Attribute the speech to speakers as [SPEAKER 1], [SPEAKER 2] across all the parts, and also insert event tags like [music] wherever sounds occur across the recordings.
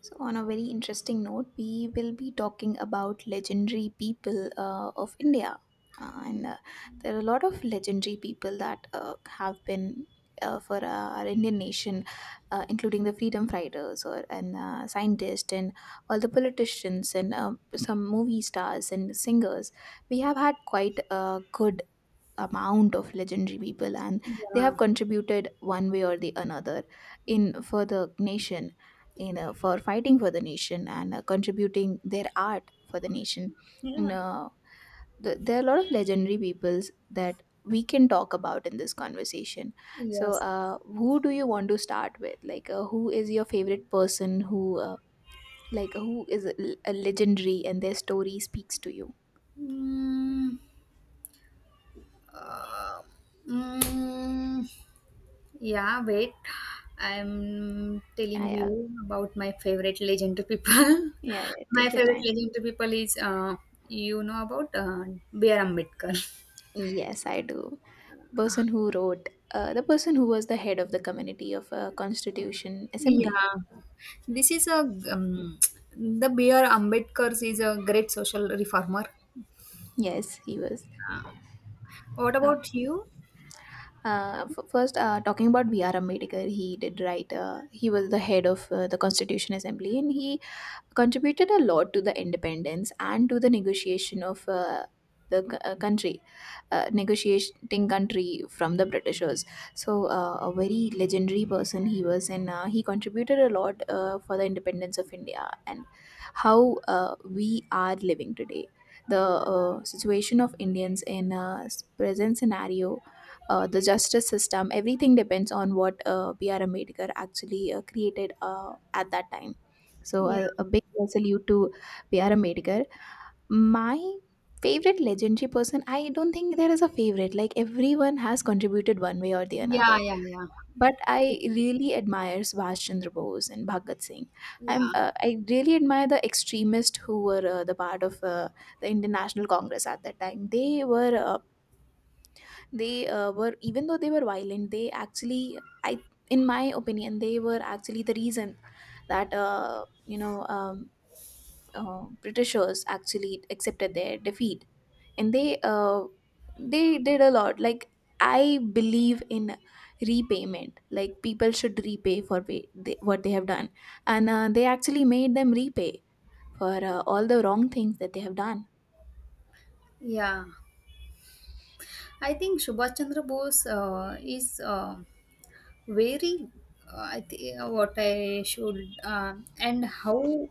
[SPEAKER 1] So, on a very interesting note, we will be talking about legendary people of India. And there are a lot of legendary people that have been for our Indian nation, including the freedom fighters or and scientists and all the politicians and some movie stars and singers. We have had quite a good amount of legendary people, and they
[SPEAKER 2] Yeah.
[SPEAKER 1] have contributed one way or the another, in for the nation, in for fighting for the nation and contributing their art for the nation you
[SPEAKER 2] Yeah.
[SPEAKER 1] know, there are a lot of legendary peoples that we can talk about in this conversation. so
[SPEAKER 2] Yes.
[SPEAKER 1] uh, who do you want to start with, like who is your favorite person who like who is a legendary and their story speaks to you?
[SPEAKER 2] Mm, uh, mm, yeah, wait. I'm
[SPEAKER 1] Yeah,
[SPEAKER 2] telling
[SPEAKER 1] yeah,
[SPEAKER 2] you about my favorite legendary people.
[SPEAKER 1] yeah, yeah,
[SPEAKER 2] [laughs] My
[SPEAKER 1] take your
[SPEAKER 2] favorite
[SPEAKER 1] time.
[SPEAKER 2] legendary people is, you know about B.R. Ambedkar.
[SPEAKER 1] Yes, I do. The person who was the head of the committee of Constitution Assembly.
[SPEAKER 2] Yeah. This is a, um, the B.R. Ambedkar is a great social reformer.
[SPEAKER 1] Yes, he was.
[SPEAKER 2] Yeah. What
[SPEAKER 1] Um,
[SPEAKER 2] about you?
[SPEAKER 1] first, talking about V.R. Ambedkar, he did write. He was the head of the Constitution Assembly, and he contributed a lot to the independence and to the negotiation of the country, negotiating country from the Britishers. So a very legendary person he was, and he contributed a lot for the independence of India and how we are living today. The situation of Indians in present scenario, the justice system, everything depends on what P.R. Ambedkar actually created at that time. So
[SPEAKER 2] Yeah.
[SPEAKER 1] a big salute to B.R. Ambedkar. My favorite legendary person, I don't think there is a favorite. Like everyone has contributed one way or the
[SPEAKER 2] Yeah,
[SPEAKER 1] another.
[SPEAKER 2] yeah, yeah.
[SPEAKER 1] But
[SPEAKER 2] It
[SPEAKER 1] I
[SPEAKER 2] is.
[SPEAKER 1] really admire Subhash Chandra Bose and Bhagat Singh. I'm
[SPEAKER 2] Yeah.
[SPEAKER 1] uh, I really admire the extremists who were the part of the Indian National Congress at that time. They were, even though they were violent, they actually, I in my opinion, they were actually the reason that Britishers actually accepted their defeat, and they did a lot. Like I believe in repayment. Like people should repay for pay, they, what they have done, and they actually made them repay for all the wrong things that they have done.
[SPEAKER 2] Yeah. I think Subhash Chandra Bose is very. I think what I should and how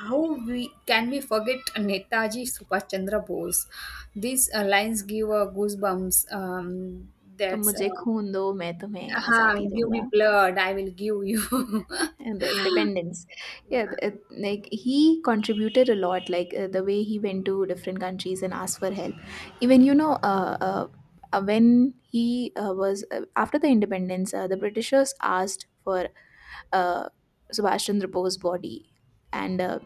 [SPEAKER 2] how we can we forget Netaji Subhash Chandra Bose? These lines give goosebumps.
[SPEAKER 1] तुम
[SPEAKER 2] That's
[SPEAKER 1] मुझे खून दो मैं तुम्हें
[SPEAKER 2] uh,
[SPEAKER 1] आज़ादी
[SPEAKER 2] give me
[SPEAKER 1] दूंगा
[SPEAKER 2] blood. I will give you. [laughs]
[SPEAKER 1] and the independence. Yeah.
[SPEAKER 2] Yeah.
[SPEAKER 1] It, like he contributed a lot, like the way he went to different countries and asked for help. Even you know uh, uh, uh, when he was, after the independence, the Britishers asked for uh, Subhash Chandra Bose's body. And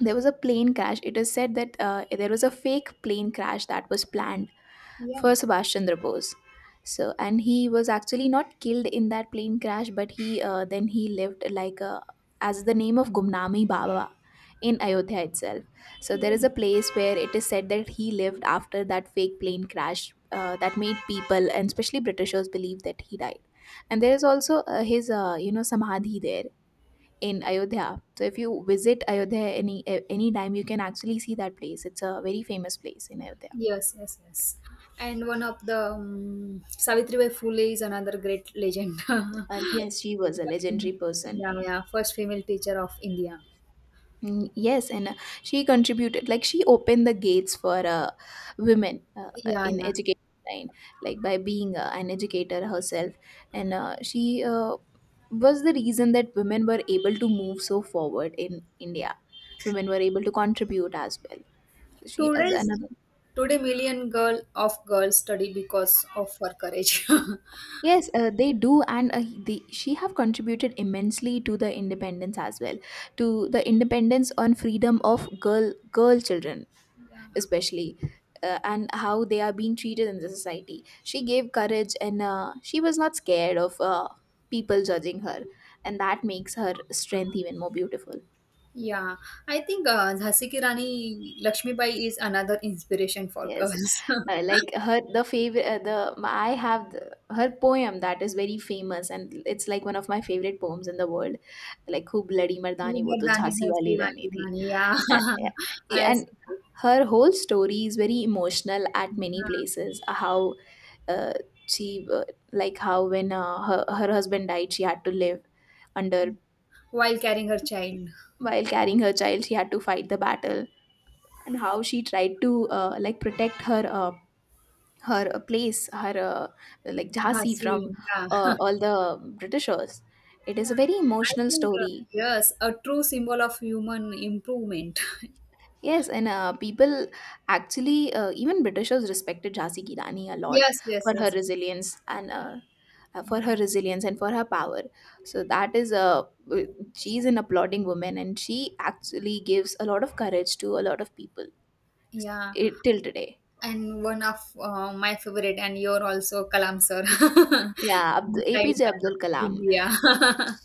[SPEAKER 1] there was a plane crash. It is said that there was a fake plane crash that was planned for
[SPEAKER 2] Yeah.
[SPEAKER 1] Subhash Chandra Bose. So, and he was actually not killed in that plane crash, but he then he lived, as the name of Gumnami Baba, in Ayodhya itself. So there
[SPEAKER 2] Yeah.
[SPEAKER 1] is a place where it is said that he lived after that fake plane crash that made people and especially Britishers believe that he died. And there is also his samadhi there in Ayodhya. So if you visit Ayodhya any time, you can actually see that place. It's a very famous place in Ayodhya.
[SPEAKER 2] Yes, yes, yes. And one of the Savitri Bai Phule is another great legend. [laughs]
[SPEAKER 1] And yes, she was a legendary person.
[SPEAKER 2] Yeah, yeah. First female teacher of India.
[SPEAKER 1] Mm, yes, and she contributed, like she opened the gates for women
[SPEAKER 2] Yeah,
[SPEAKER 1] in
[SPEAKER 2] yeah.
[SPEAKER 1] education line, like by being an educator herself. And she was the reason that women were able to move so forward in India. Women were able to contribute as well. She is
[SPEAKER 2] Today's
[SPEAKER 1] another.
[SPEAKER 2] today million girls study because of her courage. [laughs] Yeah.
[SPEAKER 1] Yes, they do, and she have contributed immensely to the independence as well, to the independence on freedom of girl children, especially, and how they are being treated in the society. She gave courage, and she was not scared of people judging her, and that makes her strength even more beautiful.
[SPEAKER 2] Yeah, I think Jhansi Ki Rani Lakshmibai is another inspiration for
[SPEAKER 1] Yes,
[SPEAKER 2] girls. [laughs]
[SPEAKER 1] like her, the favorite the I have the, her poem that is very famous, and it's like one of my favorite poems in the world, like खूब लड़ी मर्दानी वो to
[SPEAKER 2] Mehrdani
[SPEAKER 1] Jhansi
[SPEAKER 2] Jhansi
[SPEAKER 1] wali
[SPEAKER 2] Wali
[SPEAKER 1] Rani thi,
[SPEAKER 2] Rani, yeah.
[SPEAKER 1] and yeah,
[SPEAKER 2] [laughs] I
[SPEAKER 1] yeah,
[SPEAKER 2] also
[SPEAKER 1] and
[SPEAKER 2] like,
[SPEAKER 1] her whole story is very emotional at many
[SPEAKER 2] yeah.
[SPEAKER 1] places, how uh, she like how when her husband died, she had to live under,
[SPEAKER 2] While carrying her child,
[SPEAKER 1] while carrying her child she had to fight the battle. And how she tried to like protect her place, her, like Jhansi,
[SPEAKER 2] Jhansi,
[SPEAKER 1] from
[SPEAKER 2] yeah.
[SPEAKER 1] all the Britishers.
[SPEAKER 2] [laughs]
[SPEAKER 1] It is a
[SPEAKER 2] yeah.
[SPEAKER 1] very
[SPEAKER 2] I
[SPEAKER 1] emotional
[SPEAKER 2] think,
[SPEAKER 1] story.
[SPEAKER 2] yes, a true symbol of human improvement. [laughs]
[SPEAKER 1] Yes, and people actually, even Britishers respected Jhansi Ki Rani a lot
[SPEAKER 2] Yes, yes,
[SPEAKER 1] for her
[SPEAKER 2] yes.
[SPEAKER 1] resilience
[SPEAKER 2] Yeah,
[SPEAKER 1] and for her power. So that is a She's an applauding woman, and she actually gives a lot of courage to a lot of people,
[SPEAKER 2] yeah.
[SPEAKER 1] it, till today.
[SPEAKER 2] And one of my favorite, and you're also Kalam sir, [laughs] Missile
[SPEAKER 1] Yeah,
[SPEAKER 2] Man
[SPEAKER 1] APJ Abdul
[SPEAKER 2] of
[SPEAKER 1] Kalam.
[SPEAKER 2] India.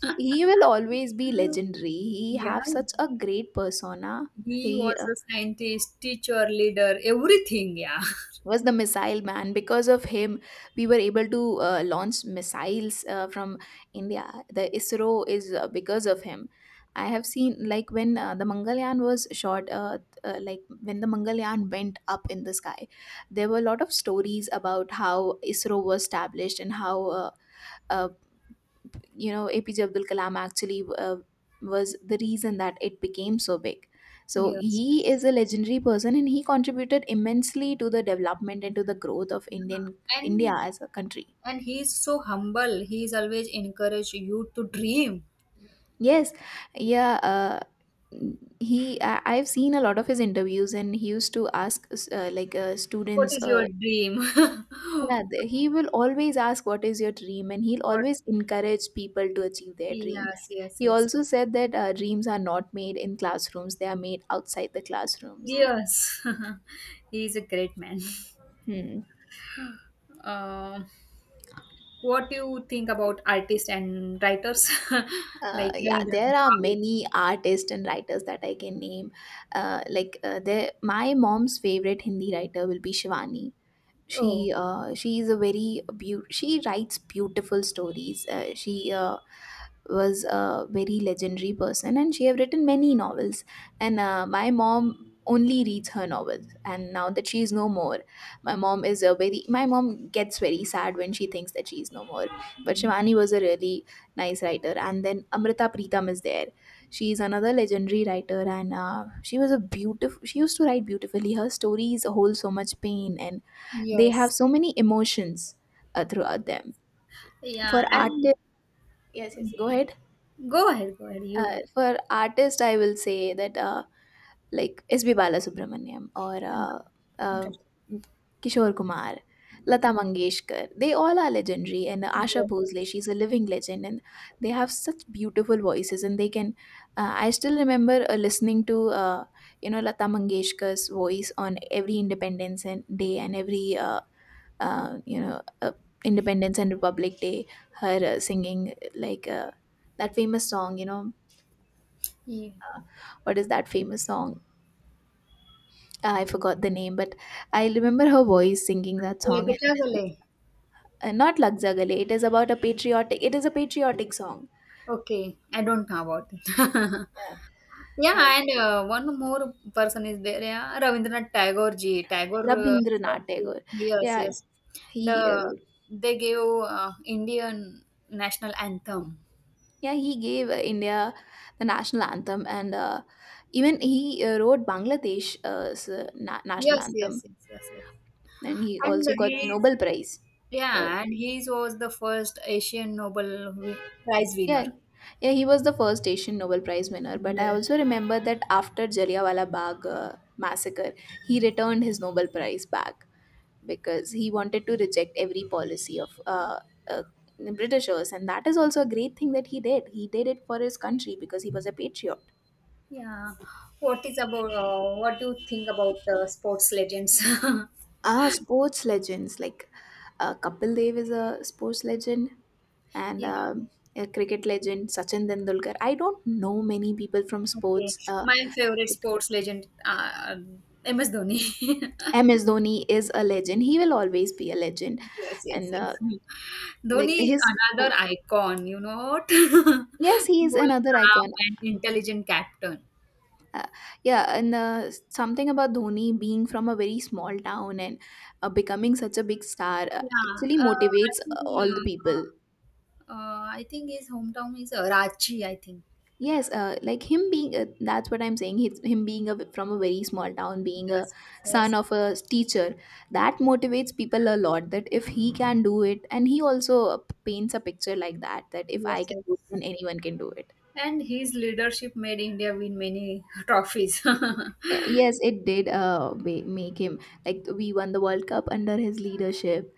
[SPEAKER 2] [laughs]
[SPEAKER 1] he will always be legendary. He
[SPEAKER 2] Yeah,
[SPEAKER 1] have such a great persona.
[SPEAKER 2] he
[SPEAKER 1] He
[SPEAKER 2] was
[SPEAKER 1] uh,
[SPEAKER 2] a scientist, teacher, leader, everything. Yeah.
[SPEAKER 1] was the missile man, because of him we were able to launch missiles from India. The ISRO is because of him. I have seen, like when the Mangalyaan was shot, like when the Mangalyaan went up in the sky, there were a lot of stories about how ISRO was established and how uh, APJ Abdul Kalam actually was the reason that it became so big. So
[SPEAKER 2] Yes,
[SPEAKER 1] he
[SPEAKER 2] yes.
[SPEAKER 1] is a legendary person, and he contributed immensely to the development and to the growth of indian
[SPEAKER 2] Yeah.
[SPEAKER 1] india
[SPEAKER 2] And
[SPEAKER 1] as a country.
[SPEAKER 2] and he's so humble. He's always encourage you to dream.
[SPEAKER 1] Yes, yeah, I've seen a lot of his interviews, and he used to ask
[SPEAKER 2] What
[SPEAKER 1] students.
[SPEAKER 2] is your dream? [laughs]
[SPEAKER 1] Yeah, he will always ask, what is your dream, and he'll
[SPEAKER 2] What?
[SPEAKER 1] always encourage people to achieve their dream.
[SPEAKER 2] Yes, yes,
[SPEAKER 1] He
[SPEAKER 2] yes.
[SPEAKER 1] also said that dreams are not made in classrooms; they are made outside the classrooms.
[SPEAKER 2] Yes. [laughs] He's a great man.
[SPEAKER 1] Hmm.
[SPEAKER 2] Um, what do you think about artists and writers [laughs] like
[SPEAKER 1] Yeah,
[SPEAKER 2] Rabindranath
[SPEAKER 1] there are
[SPEAKER 2] Tagore?
[SPEAKER 1] many artists and writers that I can name. Like my mom's favorite Hindi writer will be Shivani.
[SPEAKER 2] Oh.
[SPEAKER 1] She she is a very beau- she writes beautiful stories. She uh, was a very legendary person, and she have written many novels, and my mom only reads her novels. And now that she is no more, my mom gets very sad when she thinks that she is no more. But Shivani was a really nice writer. And then Amrita Pritam is there. She is another legendary writer, and she used to write beautifully. Her stories hold so much pain, and they have
[SPEAKER 2] Yes.
[SPEAKER 1] so many emotions throughout them. For
[SPEAKER 2] Yeah. And
[SPEAKER 1] artists, yes, yes, go ahead.
[SPEAKER 2] go ahead, go ahead. You go
[SPEAKER 1] For artist, I will say that like S.B. Balasubramaniam or
[SPEAKER 2] ahead.
[SPEAKER 1] uh, Kishore Kumar, Lata Mangeshkar, they all are legendary. And Asha
[SPEAKER 2] Yes.
[SPEAKER 1] Bhosle, she's a living legend, and they have such beautiful voices. And they can, I still remember listening to Lata Mangeshkar's voice on every Independence and Day and every uh, you know uh, Independence and Republic Day, her singing, like. That famous song,
[SPEAKER 2] Yeah.
[SPEAKER 1] what is that famous song? Ah, I forgot the name, but I remember her voice singing that song. And
[SPEAKER 2] Lekcha
[SPEAKER 1] it is
[SPEAKER 2] Gale.
[SPEAKER 1] not Lagzagale. It is about a patriotic. It is a patriotic song.
[SPEAKER 2] Okay. I don't know about it.
[SPEAKER 1] Yeah.
[SPEAKER 2] [laughs]
[SPEAKER 1] Uh,
[SPEAKER 2] Yeah, and one more person is there. Yeah, Rabindranath Tagore ji. Tagore. Uh, sir,
[SPEAKER 1] Rabindranath Tagore.
[SPEAKER 2] yes,
[SPEAKER 1] Yeah,
[SPEAKER 2] yes. The
[SPEAKER 1] he wrote.
[SPEAKER 2] they gave Indian national anthem.
[SPEAKER 1] Yeah, he gave India the national anthem, and even he wrote Bangladesh national
[SPEAKER 2] Yes, yes,
[SPEAKER 1] anthem,
[SPEAKER 2] yes, yes, yes.
[SPEAKER 1] and he
[SPEAKER 2] And
[SPEAKER 1] also got
[SPEAKER 2] he's
[SPEAKER 1] Nobel Prize for.
[SPEAKER 2] yeah, and he was the first Asian Prize winner.
[SPEAKER 1] Yeah, yeah, he was the first Asian Nobel Prize winner. But I
[SPEAKER 2] Yes.
[SPEAKER 1] also remember that after Jallianwala Bagh massacre, he returned his Nobel Prize back because he wanted to reject every policy of uh, the Britishers, and that is also a great thing that he did. He did it for his country because he was a patriot.
[SPEAKER 2] Yeah. What is about? What do you think about sports legends? [laughs]
[SPEAKER 1] Ah, sports legends like Kapil Dev is a sports legend, and
[SPEAKER 2] Yeah.
[SPEAKER 1] a cricket legend Sachin Tendulkar. I don't know many people from
[SPEAKER 2] Okay.
[SPEAKER 1] sports.
[SPEAKER 2] My favorite sports legend, MS Dhoni. [laughs]
[SPEAKER 1] MS Dhoni is a legend. He will always be a legend,
[SPEAKER 2] Yes, yes,
[SPEAKER 1] and
[SPEAKER 2] yes.
[SPEAKER 1] like
[SPEAKER 2] Dhoni is
[SPEAKER 1] his
[SPEAKER 2] another
[SPEAKER 1] oh,
[SPEAKER 2] icon. You know what? [laughs]
[SPEAKER 1] yes, he is
[SPEAKER 2] Cool,
[SPEAKER 1] another
[SPEAKER 2] calm,
[SPEAKER 1] icon.
[SPEAKER 2] and intelligent captain.
[SPEAKER 1] Uh, yeah, and something about Dhoni being from a very small town and becoming such a big star
[SPEAKER 2] Yeah,
[SPEAKER 1] actually motivates
[SPEAKER 2] I think
[SPEAKER 1] all the people.
[SPEAKER 2] uh, I think his hometown is Ranchi, I think.
[SPEAKER 1] Yes, like him being, a, that's what I'm saying. He's, him being a, from a very small town, being a
[SPEAKER 2] Yes, yes,
[SPEAKER 1] son of a teacher, that motivates people a lot. That if he can do it, and he also paints a picture like that, that if
[SPEAKER 2] yes,
[SPEAKER 1] I can
[SPEAKER 2] yes.
[SPEAKER 1] do it, then anyone can do it.
[SPEAKER 2] And his leadership made India win many [laughs] trophies.
[SPEAKER 1] Y-
[SPEAKER 2] [laughs]
[SPEAKER 1] Yes, it did make him, like, we won the World Cup under his leadership,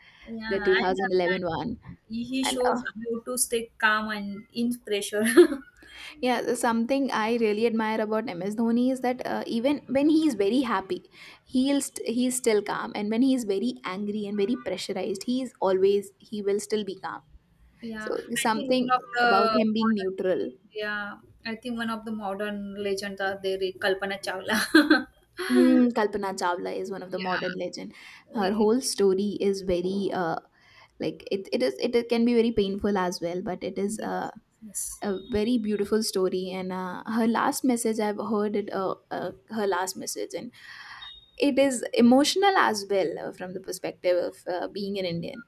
[SPEAKER 1] the
[SPEAKER 2] Yeah,
[SPEAKER 1] two
[SPEAKER 2] and
[SPEAKER 1] thousand eleven
[SPEAKER 2] uh,
[SPEAKER 1] one.
[SPEAKER 2] he
[SPEAKER 1] And
[SPEAKER 2] shows how to stay calm and in pressure. [laughs]
[SPEAKER 1] Yeah, the something I really admire about MS Dhoni is that even when he is very happy, he's still calm, and when he is very angry and very pressurized, he is always he will still be calm.
[SPEAKER 2] Yeah,
[SPEAKER 1] So
[SPEAKER 2] I think one
[SPEAKER 1] something
[SPEAKER 2] of
[SPEAKER 1] about
[SPEAKER 2] the
[SPEAKER 1] him being
[SPEAKER 2] modern,
[SPEAKER 1] neutral.
[SPEAKER 2] yeah, I think one of the modern legends are there, Kalpana Chawla.
[SPEAKER 1] Mm,
[SPEAKER 2] [laughs]
[SPEAKER 1] Kalpana Chawla is one of the
[SPEAKER 2] Yeah.
[SPEAKER 1] modern legend. Her
[SPEAKER 2] Yes,
[SPEAKER 1] whole story is very it is it can be very painful as well, but it is
[SPEAKER 2] yes, yes.
[SPEAKER 1] a very beautiful story, and her last message, I've heard it, her last message, and it is emotional as well, from the perspective of being an Indian,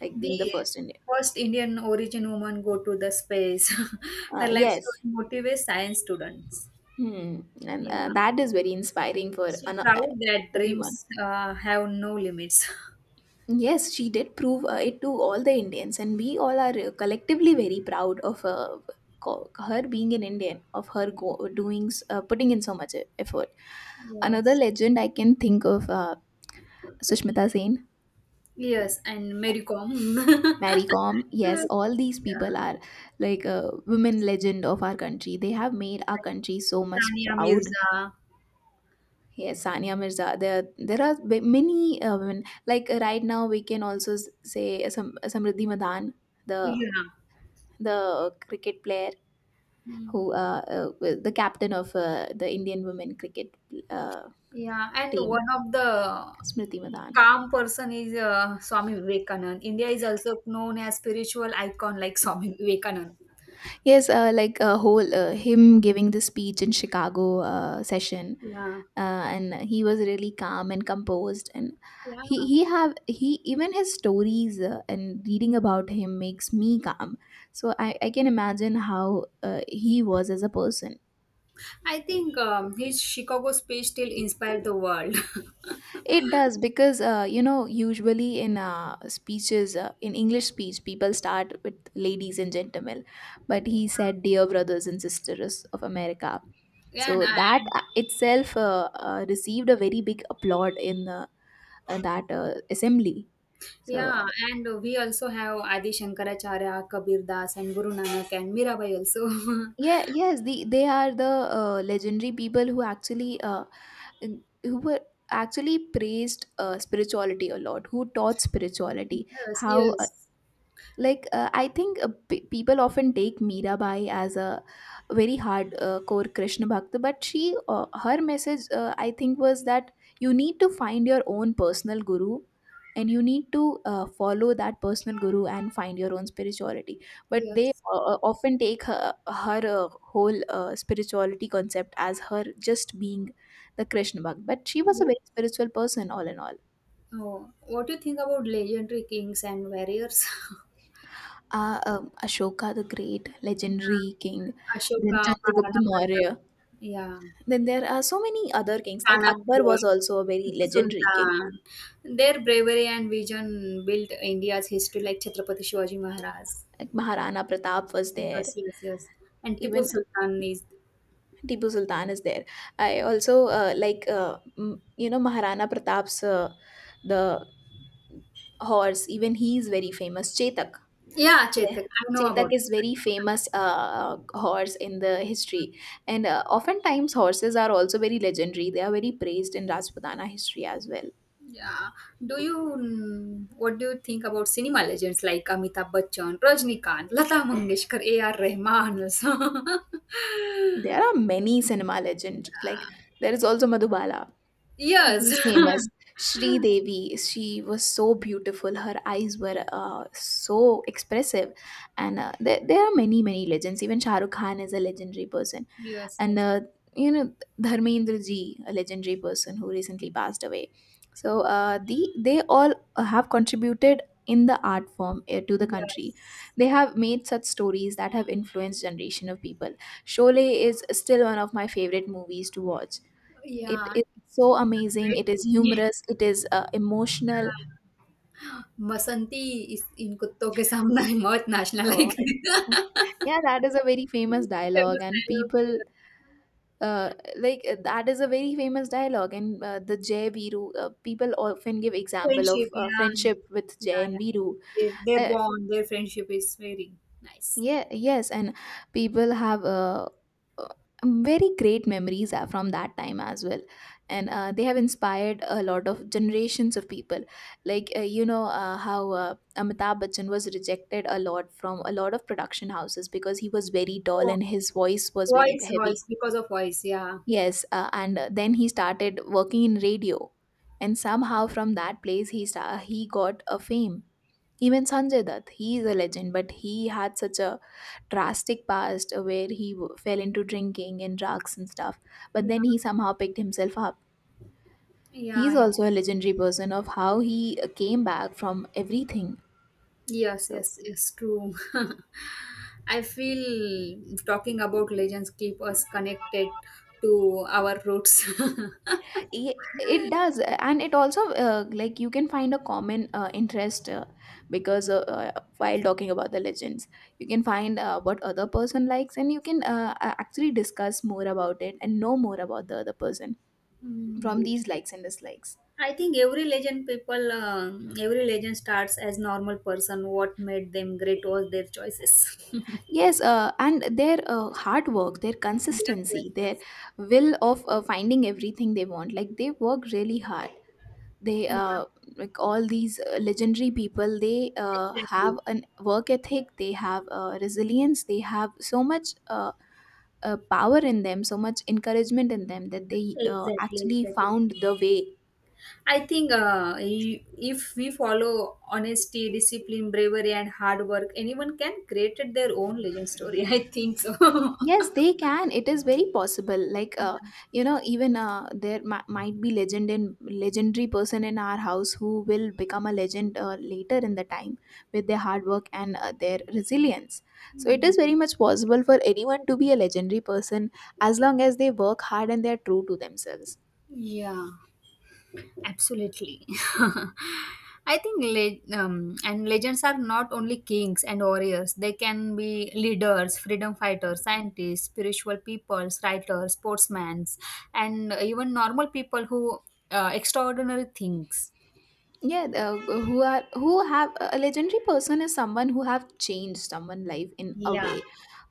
[SPEAKER 1] like
[SPEAKER 2] The
[SPEAKER 1] being the first Indian.
[SPEAKER 2] first Indian origin woman go to the space. [laughs] Her life story
[SPEAKER 1] Yes.
[SPEAKER 2] motivates science students.
[SPEAKER 1] Hmm. And
[SPEAKER 2] Yeah,
[SPEAKER 1] that is very inspiring for
[SPEAKER 2] she
[SPEAKER 1] an- uh,
[SPEAKER 2] proud that
[SPEAKER 1] everyone.
[SPEAKER 2] dreams have no limits. [laughs]
[SPEAKER 1] Yes, she did prove it to all the Indians, and we all are collectively very proud of her being an Indian, of her doings, putting in so much effort. Another
[SPEAKER 2] Yes.
[SPEAKER 1] legend I can think of, Sushmita Sen,
[SPEAKER 2] Yes, and Mary Kom. [laughs] Yeah.
[SPEAKER 1] Mary Kom. Yes, all these people are like a women legend of our country. They have made our
[SPEAKER 2] Like
[SPEAKER 1] country so much
[SPEAKER 2] Sania
[SPEAKER 1] proud.
[SPEAKER 2] Mirza.
[SPEAKER 1] Yes, Sania Mirza. There are many women. Like right now, we can also say Samriddhi Madan, the
[SPEAKER 2] Yeah.
[SPEAKER 1] the cricket player who
[SPEAKER 2] Hmm.
[SPEAKER 1] the captain of the Indian women cricket uh,
[SPEAKER 2] Yeah, and
[SPEAKER 1] team.
[SPEAKER 2] one of the
[SPEAKER 1] Smriti Madan.
[SPEAKER 2] calm person is Swami Vivekanand. India is also known as spiritual icon like Swami Vivekanand.
[SPEAKER 1] Yes, like a whole him giving the speech in Chicago session,
[SPEAKER 2] Yeah.
[SPEAKER 1] and he was really calm and composed, and
[SPEAKER 2] Yeah,
[SPEAKER 1] he even his stories, and reading about him makes me calm. So I can imagine how he was as a person.
[SPEAKER 2] I think his Chicago speech still inspired the world. [laughs]
[SPEAKER 1] It does, because you know, usually in speeches, in English speech, people start with ladies and gentlemen, but he said dear brothers and sisters of America.
[SPEAKER 2] Yeah, and,
[SPEAKER 1] So that
[SPEAKER 2] and
[SPEAKER 1] itself received a very big applaud in that assembly. So
[SPEAKER 2] yeah, and we also have Adi Shankaracharya, Kabir Das, and Guru Nanak, and Mirabai also. [laughs]
[SPEAKER 1] yeah, yes, the they are the legendary people who actually who were actually praised spirituality a lot, who taught spirituality,
[SPEAKER 2] Yes,
[SPEAKER 1] how,
[SPEAKER 2] yes,
[SPEAKER 1] like, I think, people often take Mirabai as a very hard, core Krishna bhakt, but she, her message, I think was that you need to find your own personal guru, and you need to follow that personal guru and find your own spirituality, but they
[SPEAKER 2] yes.
[SPEAKER 1] often take her, her whole spirituality concept as her just being the Krishna bhakt, but she was a very spiritual person all in all.
[SPEAKER 2] Oh, what do you think about legendary kings and warriors? [laughs]
[SPEAKER 1] Ashoka the Great,
[SPEAKER 2] Yeah,
[SPEAKER 1] legendary king,
[SPEAKER 2] Ashoka,
[SPEAKER 1] then Chandragupta
[SPEAKER 2] Maharana Pratap.
[SPEAKER 1] Maurya.
[SPEAKER 2] Yeah.
[SPEAKER 1] Then there are so many other kings. Like Akbar
[SPEAKER 2] Chanakya,
[SPEAKER 1] was also a very
[SPEAKER 2] Tipu
[SPEAKER 1] legendary king.
[SPEAKER 2] Sultan. Their bravery and vision built India's history, like Chhatrapati Shivaji Maharaj.
[SPEAKER 1] Like Maharana Pratap was there.
[SPEAKER 2] Yes, yes, yes. And Tipu
[SPEAKER 1] Even
[SPEAKER 2] Sultan is.
[SPEAKER 1] Tipu Sultan is there. I also, you know, Maharana Pratap's, the horse. Even he is very famous. Chetak.
[SPEAKER 2] Yeah,
[SPEAKER 1] Yeah,
[SPEAKER 2] Chetak, I know
[SPEAKER 1] Chetak
[SPEAKER 2] about
[SPEAKER 1] is
[SPEAKER 2] it.
[SPEAKER 1] very famous, horse in the history, and oftentimes horses are also very legendary. They are very praised in Rajputana history as well.
[SPEAKER 2] Yeah. Do you, mm, what do you think about cinema legends like Amitabh Bachchan, Rajnikant, Lata Mangeshkar, A.R. Rahman also? [laughs]
[SPEAKER 1] There are many cinema legends. Like there is also Madhubala. She
[SPEAKER 2] Yes.
[SPEAKER 1] is famous. Sri Devi. She was so beautiful. Her eyes were so expressive, and there are many many legends. Even Shah Rukh Khan is a legendary person.
[SPEAKER 2] [laughs] Yes,
[SPEAKER 1] And
[SPEAKER 2] yes.
[SPEAKER 1] you know, Dharmendra Ji, a legendary person who recently passed away. So they all have contributed in the art form to the country.
[SPEAKER 2] Yes.
[SPEAKER 1] They have made such stories that have influenced generation of people. Sholay is still one of my favorite movies to watch. It
[SPEAKER 2] Yeah.
[SPEAKER 1] is so amazing. It is
[SPEAKER 2] Great. Yeah.
[SPEAKER 1] humorous. It is emotional.
[SPEAKER 2] बसंती इस इन कुत्तों के सामना है मौत नाचना लायक
[SPEAKER 1] Uh,
[SPEAKER 2] है।
[SPEAKER 1] [laughs] yeah, that is a very famous dialogue,
[SPEAKER 2] famous
[SPEAKER 1] and
[SPEAKER 2] dialogue
[SPEAKER 1] people
[SPEAKER 2] है। [laughs]
[SPEAKER 1] uh, like, that is a very famous dialogue, and the Jay Viru, people often give example of
[SPEAKER 2] Friendship, yeah.
[SPEAKER 1] friendship with Jay
[SPEAKER 2] Yeah, yeah.
[SPEAKER 1] and Viru.
[SPEAKER 2] Their
[SPEAKER 1] uh,
[SPEAKER 2] bond, their friendship is very nice.
[SPEAKER 1] yeah, yes, and people have, uh, very great memories from that time as well, and
[SPEAKER 2] Yeah.
[SPEAKER 1] they have inspired a lot of generations of people, like, you know how Amitabh Bachchan was rejected a lot from a lot of production houses because he was very tall
[SPEAKER 2] Oh,
[SPEAKER 1] and his voice was very heavy.
[SPEAKER 2] because of voice, yeah.
[SPEAKER 1] Yes, and then he started working in radio, and somehow from that place he got a fame. Even Sanjay Dutt, he is a legend, but he had such a drastic past, where he fell into drinking and drugs and stuff. But
[SPEAKER 2] Yeah.
[SPEAKER 1] then he somehow picked himself up. He is
[SPEAKER 2] Yeah, yeah.
[SPEAKER 1] also a legendary person of how he came back from everything.
[SPEAKER 2] Yes,
[SPEAKER 1] So
[SPEAKER 2] yes, it's true. [laughs] I feel talking about legends keep us connected to our roots. [laughs]
[SPEAKER 1] It does, and it also, like, you can find a common interest, because while talking about the legends, you can find what other person likes, and you can actually discuss more about it and know more about the other person from
[SPEAKER 2] Hmm.
[SPEAKER 1] these likes and dislikes.
[SPEAKER 2] I think every legend starts as normal person. What made them great was their choices. [laughs]
[SPEAKER 1] Yes, and their hard work, their
[SPEAKER 2] Yes, yes,
[SPEAKER 1] consistency, their
[SPEAKER 2] yes.
[SPEAKER 1] will of finding everything they want, like they work really hard. They
[SPEAKER 2] Yeah,
[SPEAKER 1] Like all these legendary people, they have
[SPEAKER 2] exactly,
[SPEAKER 1] an work ethic, they have resilience, they have so much power in them, so much encouragement in them, that they actually
[SPEAKER 2] exactly.
[SPEAKER 1] found the way.
[SPEAKER 2] I think if we follow honesty, discipline, bravery, and hard work, anyone can create their own legend story. [laughs] I think so.
[SPEAKER 1] Yes, they can. It is very possible. Like, you know, even there might be legend in legendary person in our house who will become a legend later in the time with their hard work and their resilience. So
[SPEAKER 2] [laughs]
[SPEAKER 1] it is very much possible for anyone to be a legendary person as long as they work hard and they are true to themselves.
[SPEAKER 2] Yeah. Absolutely. [laughs] I think and legends are not only kings and warriors. They can be leaders, freedom fighters, scientists, spiritual peoples, writers, sportsmen, and even normal people who extraordinary things.
[SPEAKER 1] Yeah, who have, a legendary person is someone who have changed someone life in a
[SPEAKER 2] Yeah.
[SPEAKER 1] way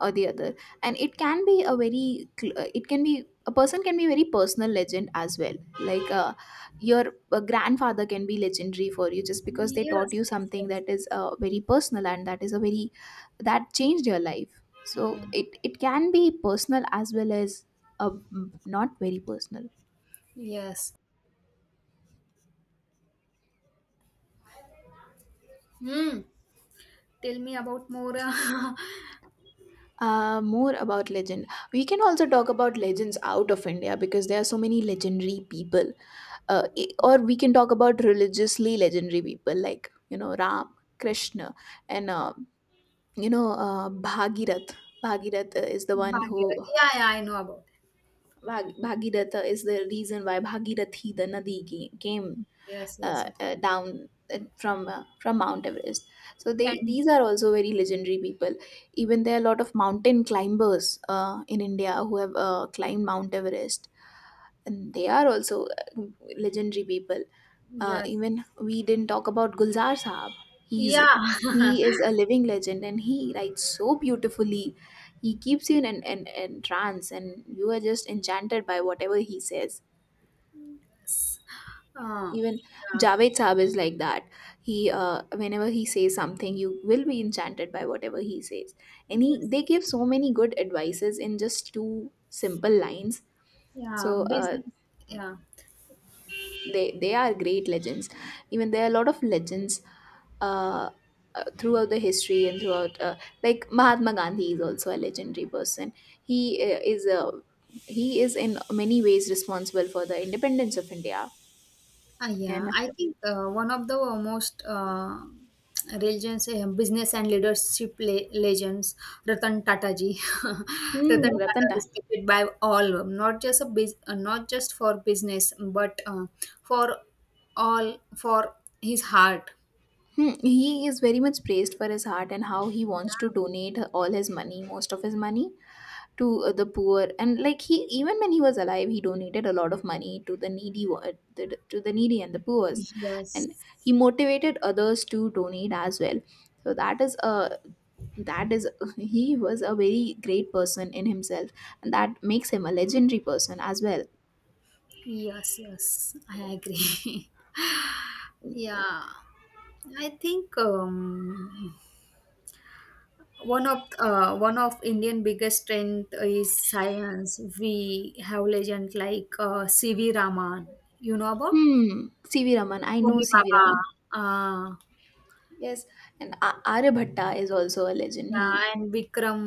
[SPEAKER 1] or the other, and it can be a very it can be a person can be very personal legend as well, like, your grandfather can be legendary for you just because they
[SPEAKER 2] Yes.
[SPEAKER 1] taught you
[SPEAKER 2] Yes.
[SPEAKER 1] something
[SPEAKER 2] Yes,
[SPEAKER 1] that is
[SPEAKER 2] yes.
[SPEAKER 1] very personal and that is a very, that changed your life. So
[SPEAKER 2] Yeah.
[SPEAKER 1] it can be personal as well as not very personal.
[SPEAKER 2] Yes. Hmm. Tell me about more. Uh, [laughs]
[SPEAKER 1] More about legend. We can also talk about legends out of India, because there are so many legendary people. Or we can talk about religiously legendary people, like, you know, Ram, Krishna, and Bhagirath. Bhagirath is the one who
[SPEAKER 2] Bhagirathi. Yeah. Yeah. I know about.
[SPEAKER 1] Bhag- Bhagiratha is the reason why Bhagirathi, the Nadi, came
[SPEAKER 2] It. Yes. Yes. Yes.
[SPEAKER 1] down from from Mount Everest. So they,
[SPEAKER 2] And
[SPEAKER 1] these are also very legendary people. Even there are a lot of mountain climbers in India who have climbed Mount Everest, and they are also uh, legendary people.
[SPEAKER 2] yes.
[SPEAKER 1] Even we didn't talk about Gulzar Saab. He's
[SPEAKER 2] Yeah.
[SPEAKER 1] he
[SPEAKER 2] [laughs]
[SPEAKER 1] is a living legend, and he writes so beautifully. He keeps you in an in trance, and you are just enchanted by whatever he says.
[SPEAKER 2] Yes.
[SPEAKER 1] Even
[SPEAKER 2] Yeah.
[SPEAKER 1] Javed Saab is like that. He, whenever he says something, you will be enchanted by whatever he says, and he they
[SPEAKER 2] Yes.
[SPEAKER 1] give so many good advices in just two simple lines.
[SPEAKER 2] Yeah.
[SPEAKER 1] So uh,
[SPEAKER 2] Business. Yeah.
[SPEAKER 1] they are great legends. Even there are a lot of legends uh, throughout the history and throughout, like, Mahatma Gandhi is also a legendary person. He is a he is in many ways responsible for the independence of India.
[SPEAKER 2] Ah, yeah.
[SPEAKER 1] And
[SPEAKER 2] I think one of the most religions, business and leadership legends, Ratan Tata ji. [laughs]
[SPEAKER 1] hmm,
[SPEAKER 2] Ratan Tata
[SPEAKER 1] Ratan.
[SPEAKER 2] is respected by all, not just a not just for business, but for all for his heart.
[SPEAKER 1] Hmm, he is very much praised for his heart and how he
[SPEAKER 2] Yeah.
[SPEAKER 1] wants to donate all his money, most of his money, to the poor. And like he, even when he was alive, he donated a lot of money to the needy, to the needy and the poor. And
[SPEAKER 2] Yes.
[SPEAKER 1] he motivated others to donate as well. So that is a, that is [laughs] he was a very great person in himself, and that makes him a legendary person as well.
[SPEAKER 2] Yes, yes, I agree. [laughs] Yeah, I think one of Indian biggest strength is science. We have legend like C.V. Raman. You know about
[SPEAKER 1] Hmm. CV. Raman, I know
[SPEAKER 2] Homi
[SPEAKER 1] CV.
[SPEAKER 2] Baba.
[SPEAKER 1] Raman.
[SPEAKER 2] Uh,
[SPEAKER 1] Yes, and Aryabhatta is also a legend.
[SPEAKER 2] yeah,
[SPEAKER 1] He,
[SPEAKER 2] and Vikram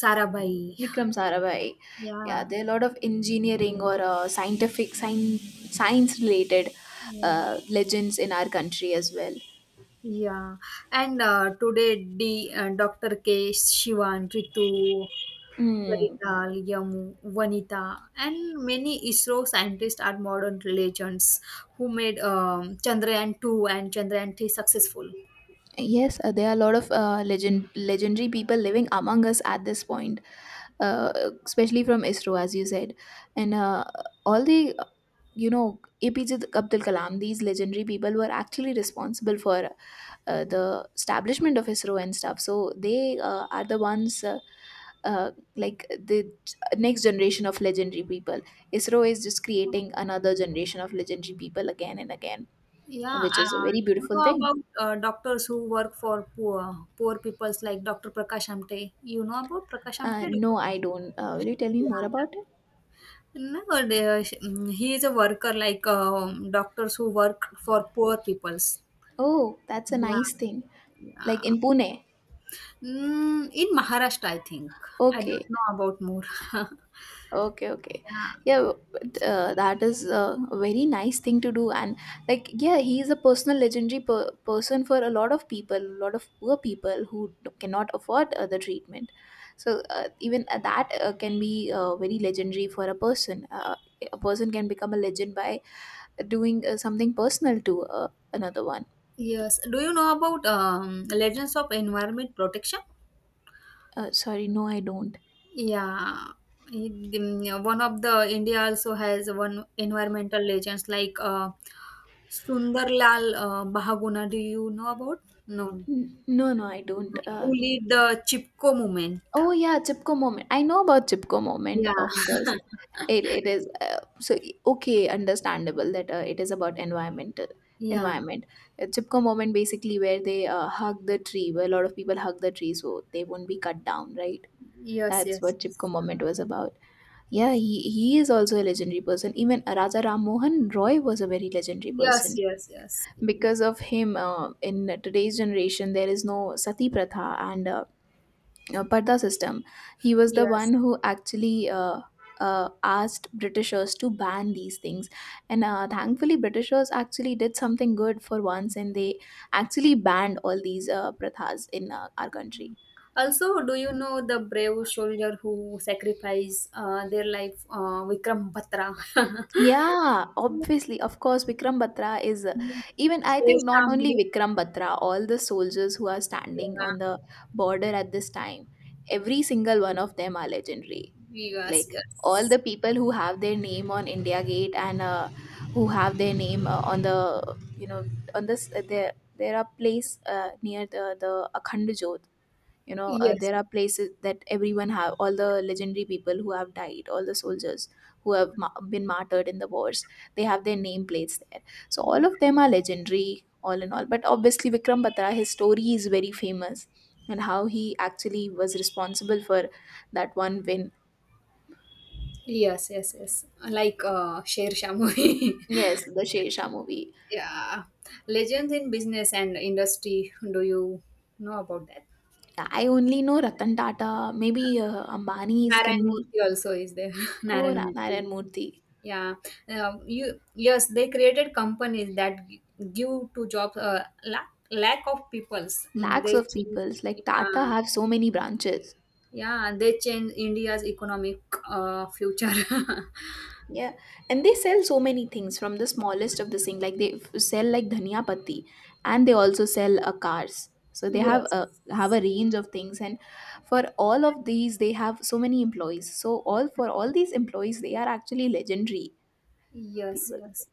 [SPEAKER 2] Sarabhai.
[SPEAKER 1] Vikram Sarabhai. Yeah,
[SPEAKER 2] Yeah,
[SPEAKER 1] there are a lot of engineering or scientific, science related
[SPEAKER 2] yeah.
[SPEAKER 1] legends in our country as well.
[SPEAKER 2] Yeah, and today D Dr. K, Shivan, Ritu,
[SPEAKER 1] Mm.
[SPEAKER 2] Karital, Yamu, Vanita, and many ISRO scientists are modern legends who made Chandrayaan 2 and Chandrayaan 3 successful.
[SPEAKER 1] Yes, there are a lot of legendary people living among us at this point, uh, especially from ISRO, as you said. And all the, you know, APJ Abdul Kalam, these legendary people were actually responsible for the establishment of ISRO and stuff. So they are the ones. Uh, like the next generation of legendary people. ISRO is just creating another generation of legendary people again and again,
[SPEAKER 2] Yeah,
[SPEAKER 1] which is a very
[SPEAKER 2] you
[SPEAKER 1] beautiful
[SPEAKER 2] know
[SPEAKER 1] thing.
[SPEAKER 2] about doctors who work for poor peoples like Dr. Prakash Amte. You know about Prakash Amte? Dr.
[SPEAKER 1] No, I
[SPEAKER 2] Prakash?
[SPEAKER 1] don't. Will you tell me more
[SPEAKER 2] Yeah,
[SPEAKER 1] about it?
[SPEAKER 2] nowadays, mm, he is a worker like doctors who work for poor peoples.
[SPEAKER 1] Oh, that's a
[SPEAKER 2] Yeah,
[SPEAKER 1] nice thing. Like
[SPEAKER 2] yeah.
[SPEAKER 1] in Pune.
[SPEAKER 2] Mm, in Maharashtra, I think. I don't
[SPEAKER 1] Okay.
[SPEAKER 2] know about more. [laughs] Yeah.
[SPEAKER 1] Okay, okay. Yeah, but, that is a very nice thing to do. And, like, yeah, he is a personal legendary person for a lot of people, a lot of poor people who cannot afford the treatment. So, even that can be very legendary for a person. A person can become a legend by doing something personal to another one.
[SPEAKER 2] Yes. Do you know about Legends of Environment Protection?
[SPEAKER 1] Sorry, no, I don't.
[SPEAKER 2] Yeah. One of the India also has one environmental legends like Sundarlal Bahaguna. Do you know about? No.
[SPEAKER 1] No, no, I don't.
[SPEAKER 2] Who lead the Chipko movement?
[SPEAKER 1] Oh yeah, Chipko moment. I know about Chipko moment,
[SPEAKER 2] Yeah.
[SPEAKER 1] of course. It is okay, understandable that it is about
[SPEAKER 2] Yeah.
[SPEAKER 1] environment. Chipko moment basically where they hug the tree, where a lot of people hug the tree so they won't be cut down, right?
[SPEAKER 2] Yes,
[SPEAKER 1] That's
[SPEAKER 2] yes,
[SPEAKER 1] what Chipko
[SPEAKER 2] yes.
[SPEAKER 1] moment was about. Yeah, he is also a legendary person. Even Raja Ram Mohan Roy was a very legendary
[SPEAKER 2] Yes,
[SPEAKER 1] person
[SPEAKER 2] yes, yes.
[SPEAKER 1] because of him. In today's generation, there is no sati pratha and. Pardha system. He was the
[SPEAKER 2] Yes.
[SPEAKER 1] one who actually asked Britishers to ban these things, and thankfully, Britishers actually did something good for once, and they actually banned all these prathas in our country.
[SPEAKER 2] Also, do you know the brave soldier who sacrificed their life, Vikram Batra? [laughs]
[SPEAKER 1] Yeah, obviously, of course, Vikram Batra is even. I think not only
[SPEAKER 2] Sher
[SPEAKER 1] Vikram Batra, all the soldiers who are standing
[SPEAKER 2] yeah.
[SPEAKER 1] on the border at this time, every single one of them are legendary.
[SPEAKER 2] Yes,
[SPEAKER 1] Like all
[SPEAKER 2] yes.
[SPEAKER 1] the people who have their name on India Gate and who have their name on the, you know, on this there are place near the Akhand Jyot. You know,
[SPEAKER 2] Yes.
[SPEAKER 1] there are places that everyone have all the legendary people who have died, all the soldiers who have been martyred in the wars. They have their name plates there. So all of them are legendary, all in all. But obviously Vikram Batra, his story is very famous, and how he actually was responsible for that one win.
[SPEAKER 2] Yes, yes, yes. Like Sher Shah movie.
[SPEAKER 1] Yes, the Shesha movie.
[SPEAKER 2] [laughs] Yeah. Legends in business and industry. Do you know about that?
[SPEAKER 1] I only know Ratan Tata, maybe Ambani's
[SPEAKER 2] Narayan
[SPEAKER 1] can be,
[SPEAKER 2] Murthy also is there. [laughs]
[SPEAKER 1] or
[SPEAKER 2] Narayan Murthy.
[SPEAKER 1] Narayan Murthy.
[SPEAKER 2] Yeah, you yes, they created companies that give to jobs lack of peoples. Mm,
[SPEAKER 1] Lakhs
[SPEAKER 2] they
[SPEAKER 1] of
[SPEAKER 2] change,
[SPEAKER 1] peoples like Tata
[SPEAKER 2] yeah,
[SPEAKER 1] have so many branches.
[SPEAKER 2] yeah, and they change India's economic future. [laughs]
[SPEAKER 1] Yeah, and they sell so many things from the smallest of the thing. Like they sell like dhania patti, and they also sell cars. So they
[SPEAKER 2] Yes,
[SPEAKER 1] have a range of things, and for all of these, they have so many employees. So all for all these employees, they are actually legendary
[SPEAKER 2] yes,
[SPEAKER 1] people.
[SPEAKER 2] yes.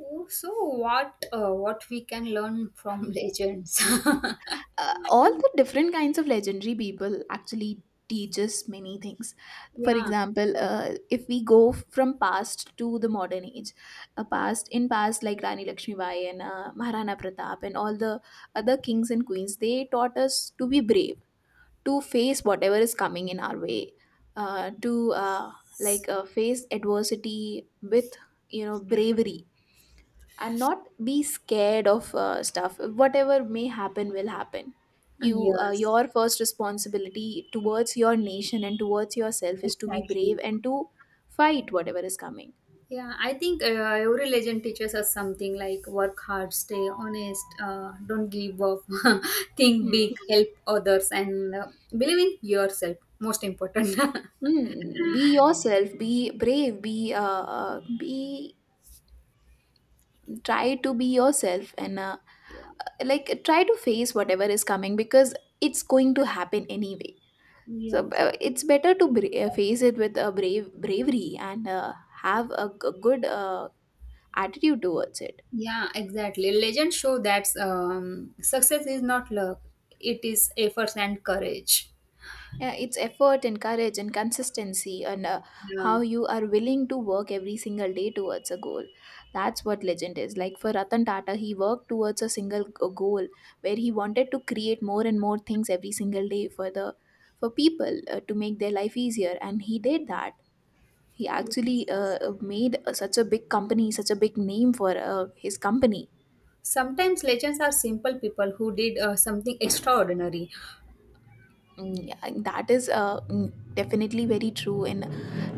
[SPEAKER 2] Oh, so what we can learn from legends? [laughs]
[SPEAKER 1] All the different kinds of legendary people actually teach us many things, for
[SPEAKER 2] Yeah,
[SPEAKER 1] example, if we go from past to the modern age, past in past like rani lakshmibai and maharana pratap and all the other kings and queens. They taught us to be brave, to face whatever is coming in our way, to face adversity with, you know, bravery, and not be scared of stuff. Whatever may happen will happen. you
[SPEAKER 2] yes,
[SPEAKER 1] your first responsibility towards your nation and towards yourself is to be
[SPEAKER 2] exactly.
[SPEAKER 1] brave and to fight whatever is coming.
[SPEAKER 2] Yeah, I think every legend teaches us something like work hard, stay honest, don't give up, [laughs] think big,
[SPEAKER 1] Hmm.
[SPEAKER 2] help others, and believe in yourself. Most important. [laughs]
[SPEAKER 1] Hmm. Be yourself. Be brave. Be Try to be yourself, and
[SPEAKER 2] Yeah.
[SPEAKER 1] like try to face whatever is coming because it's going to happen anyway. So
[SPEAKER 2] Yes.
[SPEAKER 1] it's better to face
[SPEAKER 2] Exactly.
[SPEAKER 1] it with a bravery, and have a good attitude towards it.
[SPEAKER 2] Yeah, exactly. Legends show that success is not luck; it is efforts and courage.
[SPEAKER 1] Yeah, it's effort and courage and consistency, and
[SPEAKER 2] Yeah.
[SPEAKER 1] how you are willing to work every single day towards a goal. That's what legend is. Like for Ratan Tata, he worked towards a single goal where he wanted to create more and more things every single day for the for people to make their life easier, and he did that. He
[SPEAKER 2] Yes.
[SPEAKER 1] actually made such a big company, such a big name for his company.
[SPEAKER 2] Sometimes legends are simple people who did something extraordinary.
[SPEAKER 1] Mm, yeah, and that is definitely very true in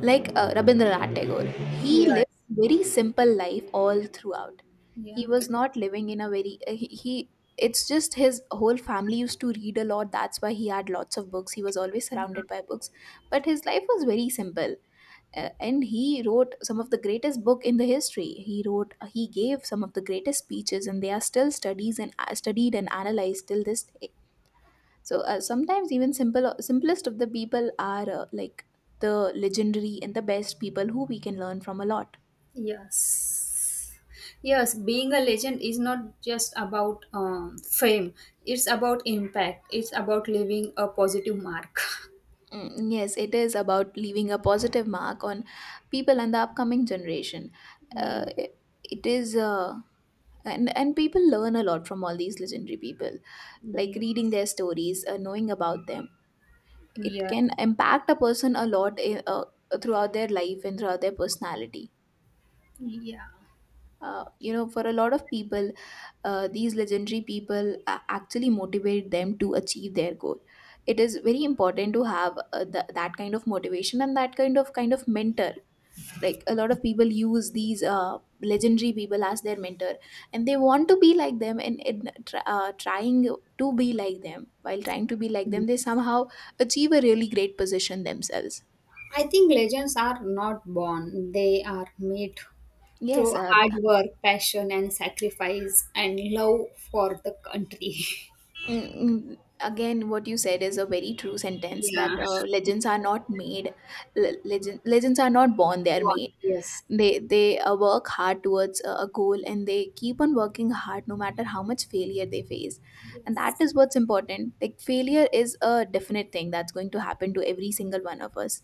[SPEAKER 1] like Rabindranath Tagore. He lived
[SPEAKER 2] Yes.
[SPEAKER 1] a very simple life all throughout. He
[SPEAKER 2] Yeah.
[SPEAKER 1] was not living in a very he, he. It's just his whole family used to read a lot. That's why he had lots of books. He was always surrounded by books, but his life was very simple. And he wrote some of the greatest book in the history. He wrote, he gave some of the greatest speeches, and they are still studies and studied and analyzed till this day. So sometimes even simplest of the people are the legendary and the best people who we can learn from a lot.
[SPEAKER 2] Yes. Yes, being a legend is not just about fame, it's about impact, it's about leaving a positive mark.
[SPEAKER 1] Mm, yes, it is about leaving a positive mark on people and the upcoming generation.
[SPEAKER 2] [laughs]
[SPEAKER 1] It, it is And people learn a lot from all these legendary people. Like reading their stories, knowing about them, it
[SPEAKER 2] Yeah.
[SPEAKER 1] can impact a person a lot in, throughout their life and throughout their personality.
[SPEAKER 2] Yes. Yes.
[SPEAKER 1] You know, for a lot of people, these legendary people actually motivate them to achieve their goal. It is very important to have that kind of motivation and that kind of mentor. Like a lot of people use these legendary people as their mentor, and they want to be like them, and, trying to be like them, while trying to be like
[SPEAKER 2] Yeah.
[SPEAKER 1] them, they somehow achieve a really great position themselves.
[SPEAKER 2] I think legends are not born, they are made
[SPEAKER 1] yes
[SPEAKER 2] through
[SPEAKER 1] uh,
[SPEAKER 2] hard work, passion, and sacrifice, and love for the country.
[SPEAKER 1] Mm, again, what you said is a very true
[SPEAKER 2] [laughs]
[SPEAKER 1] sentence that
[SPEAKER 2] Yeah.
[SPEAKER 1] legends are not made. Legends are not born; they
[SPEAKER 2] Go
[SPEAKER 1] are
[SPEAKER 2] on.
[SPEAKER 1] made.
[SPEAKER 2] Yes.
[SPEAKER 1] They work hard towards a goal, and they keep on working hard no matter how much failure they face. And that
[SPEAKER 2] Yes.
[SPEAKER 1] is what's important. Like failure is a definite thing that's going to happen to every single one of us.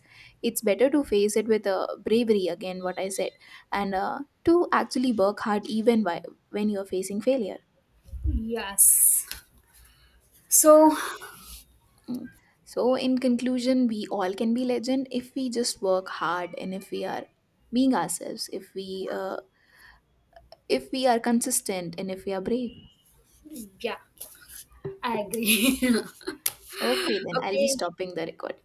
[SPEAKER 1] It's better to face it with a bravery. Again, what I said, and to actually work hard even while, when you are facing failure.
[SPEAKER 2] Yes. So,
[SPEAKER 1] Mm. So, in conclusion, we all can be legend if we just work hard and if we are being ourselves, if we are consistent and if we are brave.
[SPEAKER 2] yeah. I agree.
[SPEAKER 1] Okay,
[SPEAKER 2] [laughs]
[SPEAKER 1] then I'll be
[SPEAKER 2] Okay,
[SPEAKER 1] stopping the recording.